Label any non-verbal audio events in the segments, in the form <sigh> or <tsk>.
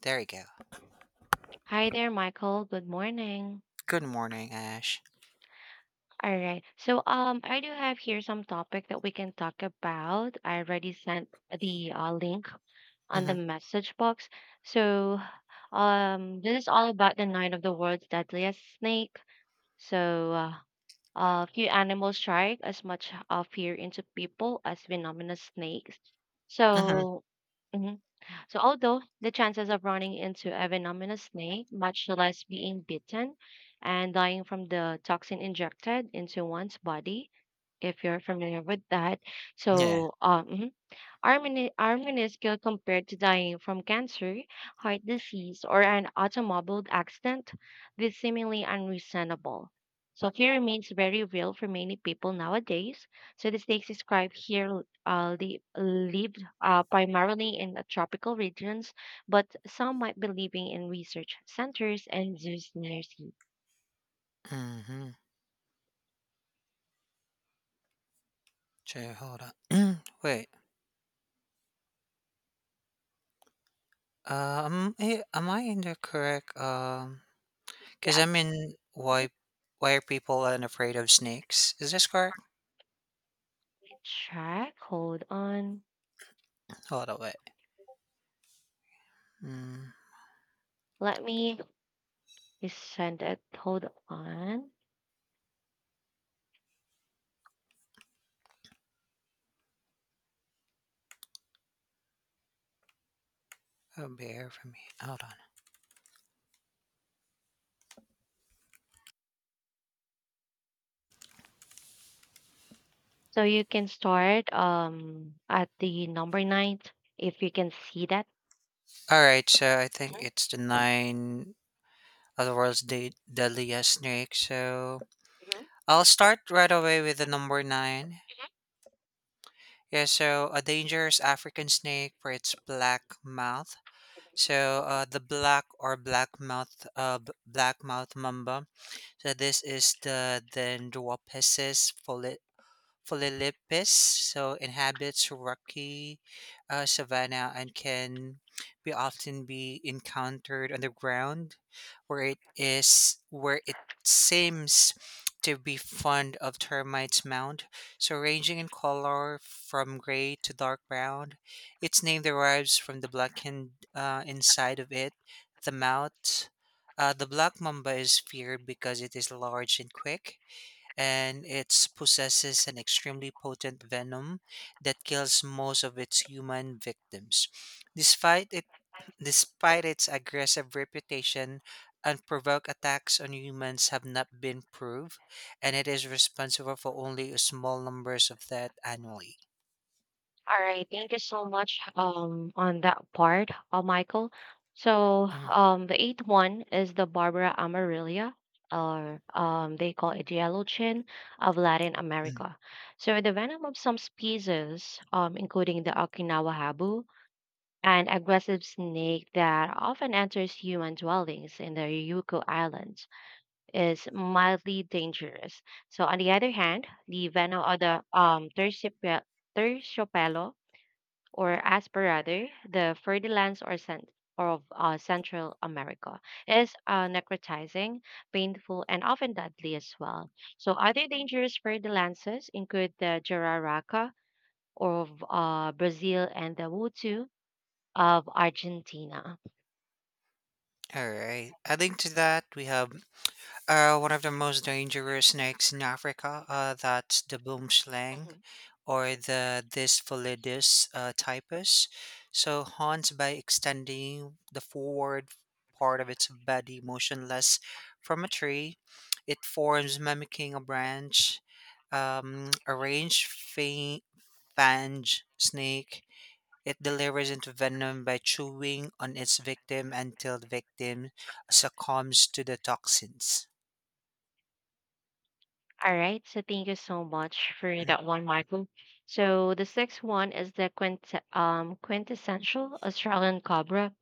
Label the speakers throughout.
Speaker 1: There we go.
Speaker 2: Hi there, Michael. Good morning.
Speaker 1: Good morning, Ash.
Speaker 2: All right. So, I do have here some topic that we can talk about. I already sent the link on the
Speaker 1: Mhm,
Speaker 2: message box. So, this is all about the nine of the world's deadliest snake. So, a few animals strike as much fear into people as venomous snakes.
Speaker 1: mhm,
Speaker 2: So, mhm. So, although the chances of running into a venomous snake, much less being bitten and dying from the toxin injected into one's body, if you're familiar with that,
Speaker 1: yeah,
Speaker 2: so mhm. Our minuscule compared to dying from cancer, heart disease, or an automobile accident, this seemingly unreasonable. So fear remains very real for many people nowadays. So the stakes described here lived primarily in the tropical regions, but some might be living in research centers and zoos near sea.
Speaker 1: mhm. Sure, hold on. <clears throat> Wait, am I in the correct, um, 'cause
Speaker 2: Yes,
Speaker 1: I'm in why are people unafraid of snakes? Is this correct?
Speaker 2: check. Hold on.
Speaker 1: Hold on, wait. Mm,
Speaker 2: Let me send it. Hold on.
Speaker 1: that'll be for me. Hold on.
Speaker 2: So you can start at the number nine if you can see that.
Speaker 1: All right, so I think it's the nine of the world's deadliest snake. So I'll start right away with the number nine. Yeah, so a dangerous African snake for its black mouth. So the black or black mouth, black mouth mamba. So this is the Ndwaphesis Phillippes, so inhabits rocky savanna and can be often be encountered underground, where it is where it seems to be fond of termites mound. So ranging in color from gray to dark brown, its name derives from the blackened inside of it, the mouth. The black mamba is feared because it is large and quick, and it possesses an extremely potent venom that kills most of its human victims. Despite it, despite its aggressive reputation, unprovoked attacks on humans have not been proved, and it is responsible for only a small numbers of that annually.
Speaker 2: All right, thank you so much on that part, Michael. So
Speaker 1: Mm.
Speaker 2: the eighth one is the Barbara Amarillia, or they call it yellow chin of Latin America. So the venom of some species, including the Okinawa habu, an aggressive snake that often enters human dwellings in the Ryukyu Islands is mildly dangerous. So on the other hand, the venom of the terciopelo or asperger, the fertilans or scent of Central America is necrotizing, painful, and often deadly as well. So other dangerous fertilances include the jararaca of Brazil and the wutu of Argentina.
Speaker 1: All right, adding to that, we have one of the most dangerous snakes in Africa, that's the boomslang
Speaker 2: Mm-hmm.
Speaker 1: or the Dysphilidus typus. So, hunts by extending the forward part of its body motionless from a tree. It forms mimicking a branch, a fange snake. It delivers into venom by chewing on its victim until the victim succumbs to the toxins.
Speaker 2: All right, so thank you so much for that one, Michael. So the sixth one is the quintessential Australian cobra.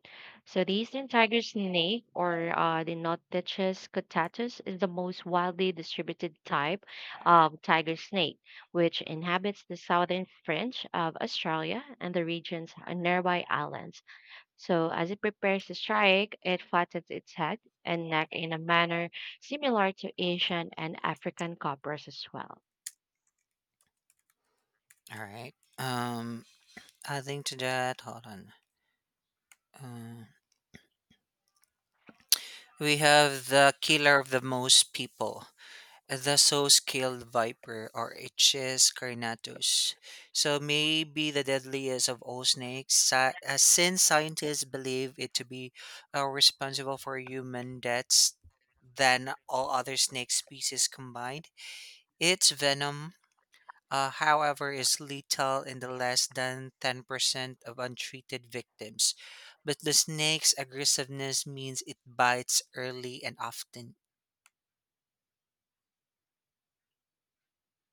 Speaker 2: So the eastern tiger snake, or the Notetichus guttatus, is the most widely distributed type of tiger snake, which inhabits the southern fringe of Australia and the regions and nearby islands. So, as it prepares to strike, it flattens its head and neck in a manner similar to Asian and African coppers as well.
Speaker 1: All right. Um, Adding to that, hold on. Uh, we have the killer of the most people, the so skilled viper, or Hs carnatus. So maybe the deadliest of all snakes, since scientists believe it to be responsible for human deaths than all other snake species combined. Its venom, however, is lethal in the less than 10% of untreated victims. But the snake's aggressiveness means it bites early and often.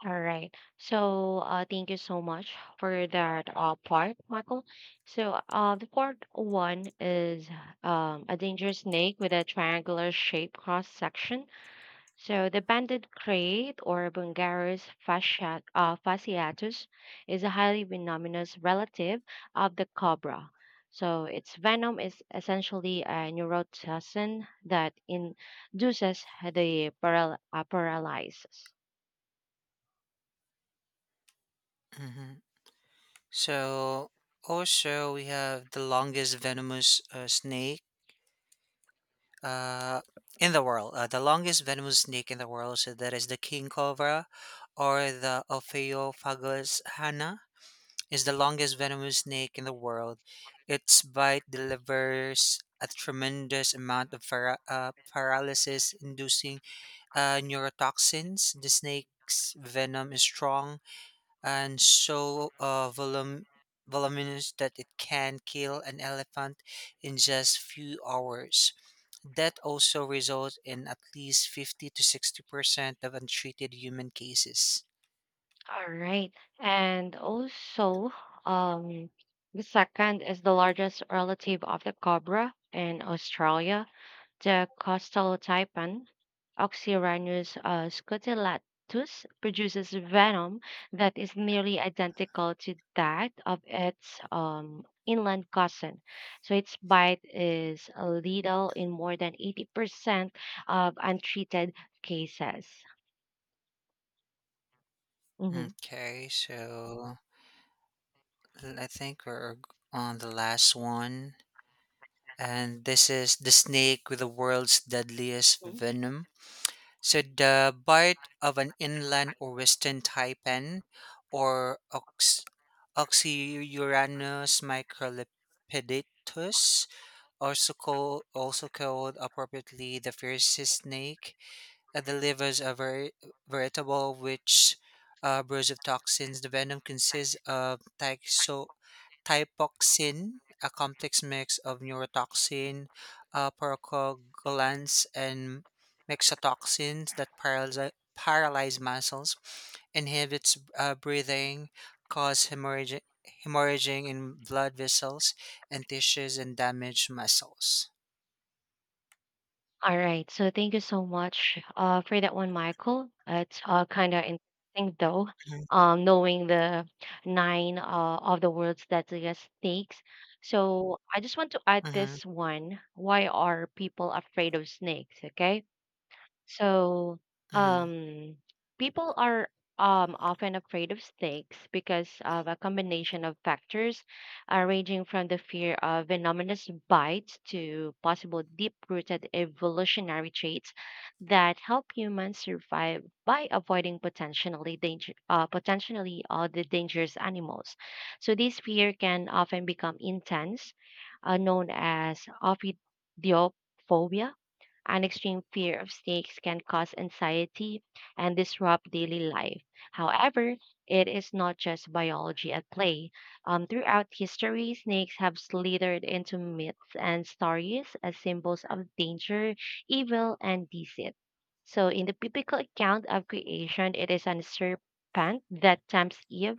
Speaker 2: All right. So, thank you so much for that part, Michael. So, the fourth one is a dangerous snake with a triangular shaped cross section. So the banded crate or Bungarus fasciatus is a highly venomous relative of the cobra. So its venom is essentially a neurotoxin that induces the paralysis.
Speaker 1: Mhm. So, also, we have the longest venomous snake uh, in the world. The longest venomous snake in the world, so that is the king cobra or the Ophiophagus hana is the longest venomous snake in the world. Its bite delivers a tremendous amount of paralysis inducing neurotoxins. The snake's venom is strong and so voluminous that it can kill an elephant in just few hours. That also results in at least 50 to 60% of untreated human cases.
Speaker 2: All right, and also um, the second is the largest relative of the cobra in Australia. The coastal taipan, Oxyrhinus scutellatus, produces venom that is nearly identical to that of its inland cousin. So its bite is lethal in more than 80% of untreated cases. Mhm.
Speaker 1: Okay, so I think we're on the last one. And this is the snake with the world's deadliest venom. So the bite of an inland or western taipan or Oxyuranus microlipidatus, also called appropriately the fiercest snake, delivers a veritable which burst of toxins. The venom consists of Thymoxin, a complex mix of neurotoxin, prostaglandins, and myxotoxins that paralyze muscles, inhibits breathing, cause hemorrhaging, hemorrhaging in blood vessels and tissues, and damage muscles.
Speaker 2: All right. So thank you so much for that one, Michael. It's kind of interesting, though,
Speaker 1: Mm-hmm,
Speaker 2: knowing the nine of the world's deadliest snakes. So I just want to add
Speaker 1: mm-hmm,
Speaker 2: this one. Why are people afraid of snakes? Okay. So, um, people are often afraid of snakes because of a combination of factors, ranging from the fear of venomous bites to possible deep-rooted evolutionary traits that help humans survive by avoiding potentially potentially all the dangerous animals. So, this fear can often become intense, known as ophidiophobia. An extreme fear of snakes can cause anxiety and disrupt daily life. However, it is not just biology at play. Throughout history, snakes have slithered into myths and stories as symbols of danger, evil, and deceit. So, in the biblical account of creation, it is an serpent that tempts Eve,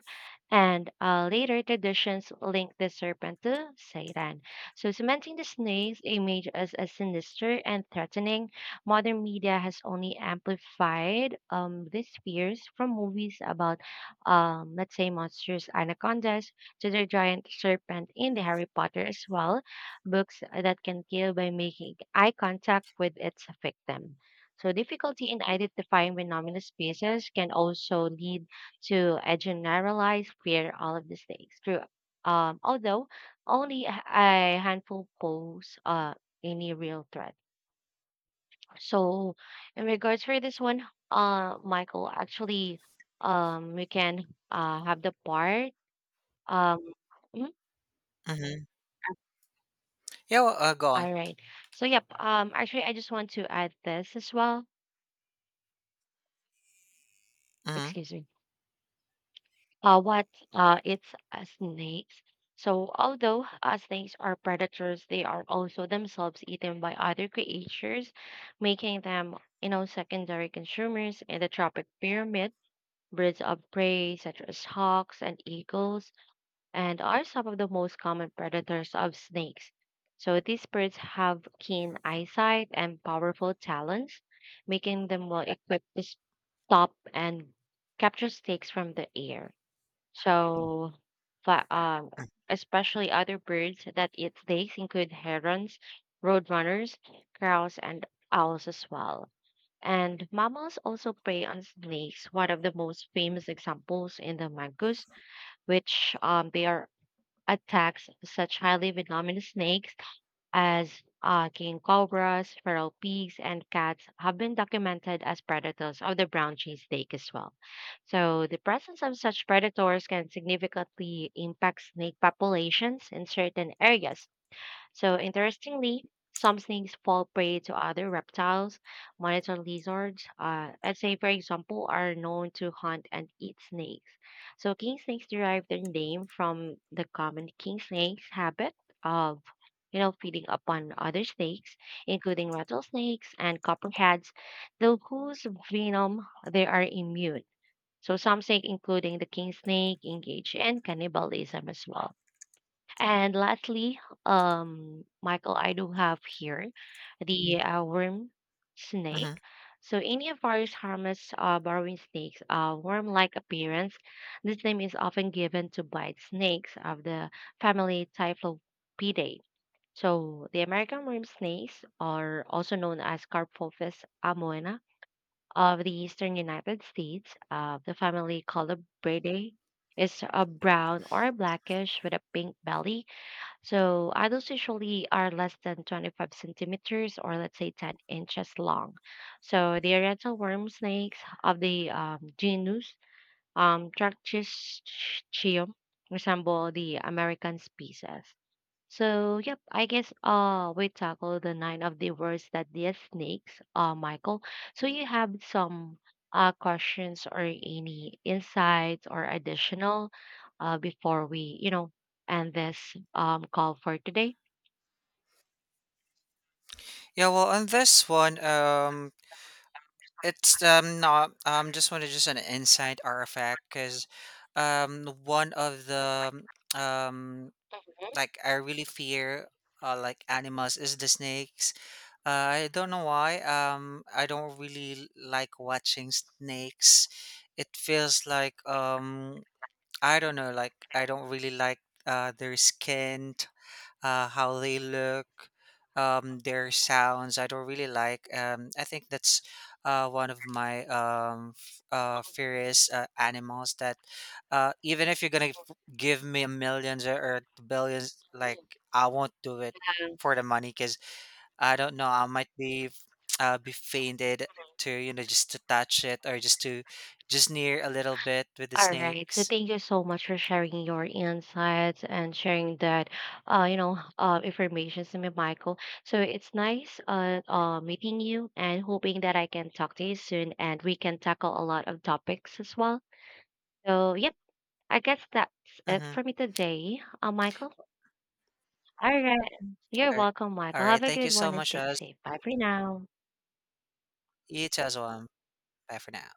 Speaker 2: and later traditions link the serpent to Satan. So, cementing the snake's image as sinister and threatening, modern media has only amplified these fears from movies about, let's say, monstrous anacondas to the giant serpent in the Harry Potter as well, books that can kill by making eye contact with its victim. So, difficulty in identifying venomous species can also lead to a generalized fear all of the snakes. Through, although only a handful pose any real threat. So in regards for this one, Michael, actually we can have the part. Um mhm,
Speaker 1: mm-hmm. Yeah, well, go on.
Speaker 2: all right. So yep, actually I just want to add this as well.
Speaker 1: Mm-hmm.
Speaker 2: Excuse me. What it's Snakes. So, although snakes are predators, they are also themselves eaten by other creatures, making them, secondary consumers in the tropic pyramid. Birds of prey, such as hawks and eagles, and are some of the most common predators of snakes. So, these birds have keen eyesight and powerful talons, making them well equipped to stop and capture snakes from the air. So, fa- um, especially other birds that eat snakes include herons, roadrunners, crows, and owls as well. And mammals also prey on snakes. One of the most famous examples in the mangus, which they are attacks such highly venomous snakes as king cobras, feral pigs, and cats have been documented as predators of the brown cheesesteak as well. So, the presence of such predators can significantly impact snake populations in certain areas, so, interestingly, some snakes fall prey to other reptiles. Monitor lizards, let's say, for example, are known to hunt and eat snakes. So, king snakes derive their name from the common king snake's habit of feeding upon other snakes, including rattlesnakes and copperheads, though whose venom they are immune. So, some snakes, including the king snake, engage in cannibalism as well. And lastly, Michael, I do have here the worm snake.
Speaker 1: Mm-hmm.
Speaker 2: So any of various harmless burrowing snakes, worm-like appearance. This name is often given to bite snakes of the family Typhlopidae. So the American worm snakes are also known as Carpophis amoena of the eastern United States. The family Colubridae is brown or blackish with a pink belly so adults usually are less than 25 centimeters or let's say 10 inches long. So the Oriental worm snakes of the genus Trachystichium resemble the American species. So, yep, I guess we tackle the nine of the words that the snakes, Michael. So you have some questions or any insights or additional before we end this call for today.
Speaker 1: Yeah, well, on this one, it's no just wanted just an inside artifact because one of the um like I really fear like animals is the snakes. I don't know why. I don't really like watching snakes. It feels like I don't know, like I don't really like their skin, how they look, their sounds. I don't really like. I think that's one of my furious animals. That even if you're gonna give me millions, or billions, like I won't do it for the money because I don't know. I might be <tsk> be fainted to, you know, just to touch it or just to just near a little bit with the
Speaker 2: All right. So
Speaker 1: snakes.
Speaker 2: thank you so much for sharing your insights and sharing that, information to me, Michael. So it's nice, meeting you and hoping that I can talk to you soon and we can tackle a lot of topics as well. So yep, I guess that's it
Speaker 1: Mhm.
Speaker 2: for me today, Michael. All right. You're
Speaker 1: Alright.
Speaker 2: welcome, Michael. Have
Speaker 1: Alright,
Speaker 2: a
Speaker 1: thank you
Speaker 2: good
Speaker 1: so
Speaker 2: one and
Speaker 1: much,
Speaker 2: stay
Speaker 1: Az.
Speaker 2: safe. Bye for now.
Speaker 1: You too as well. Bye for now.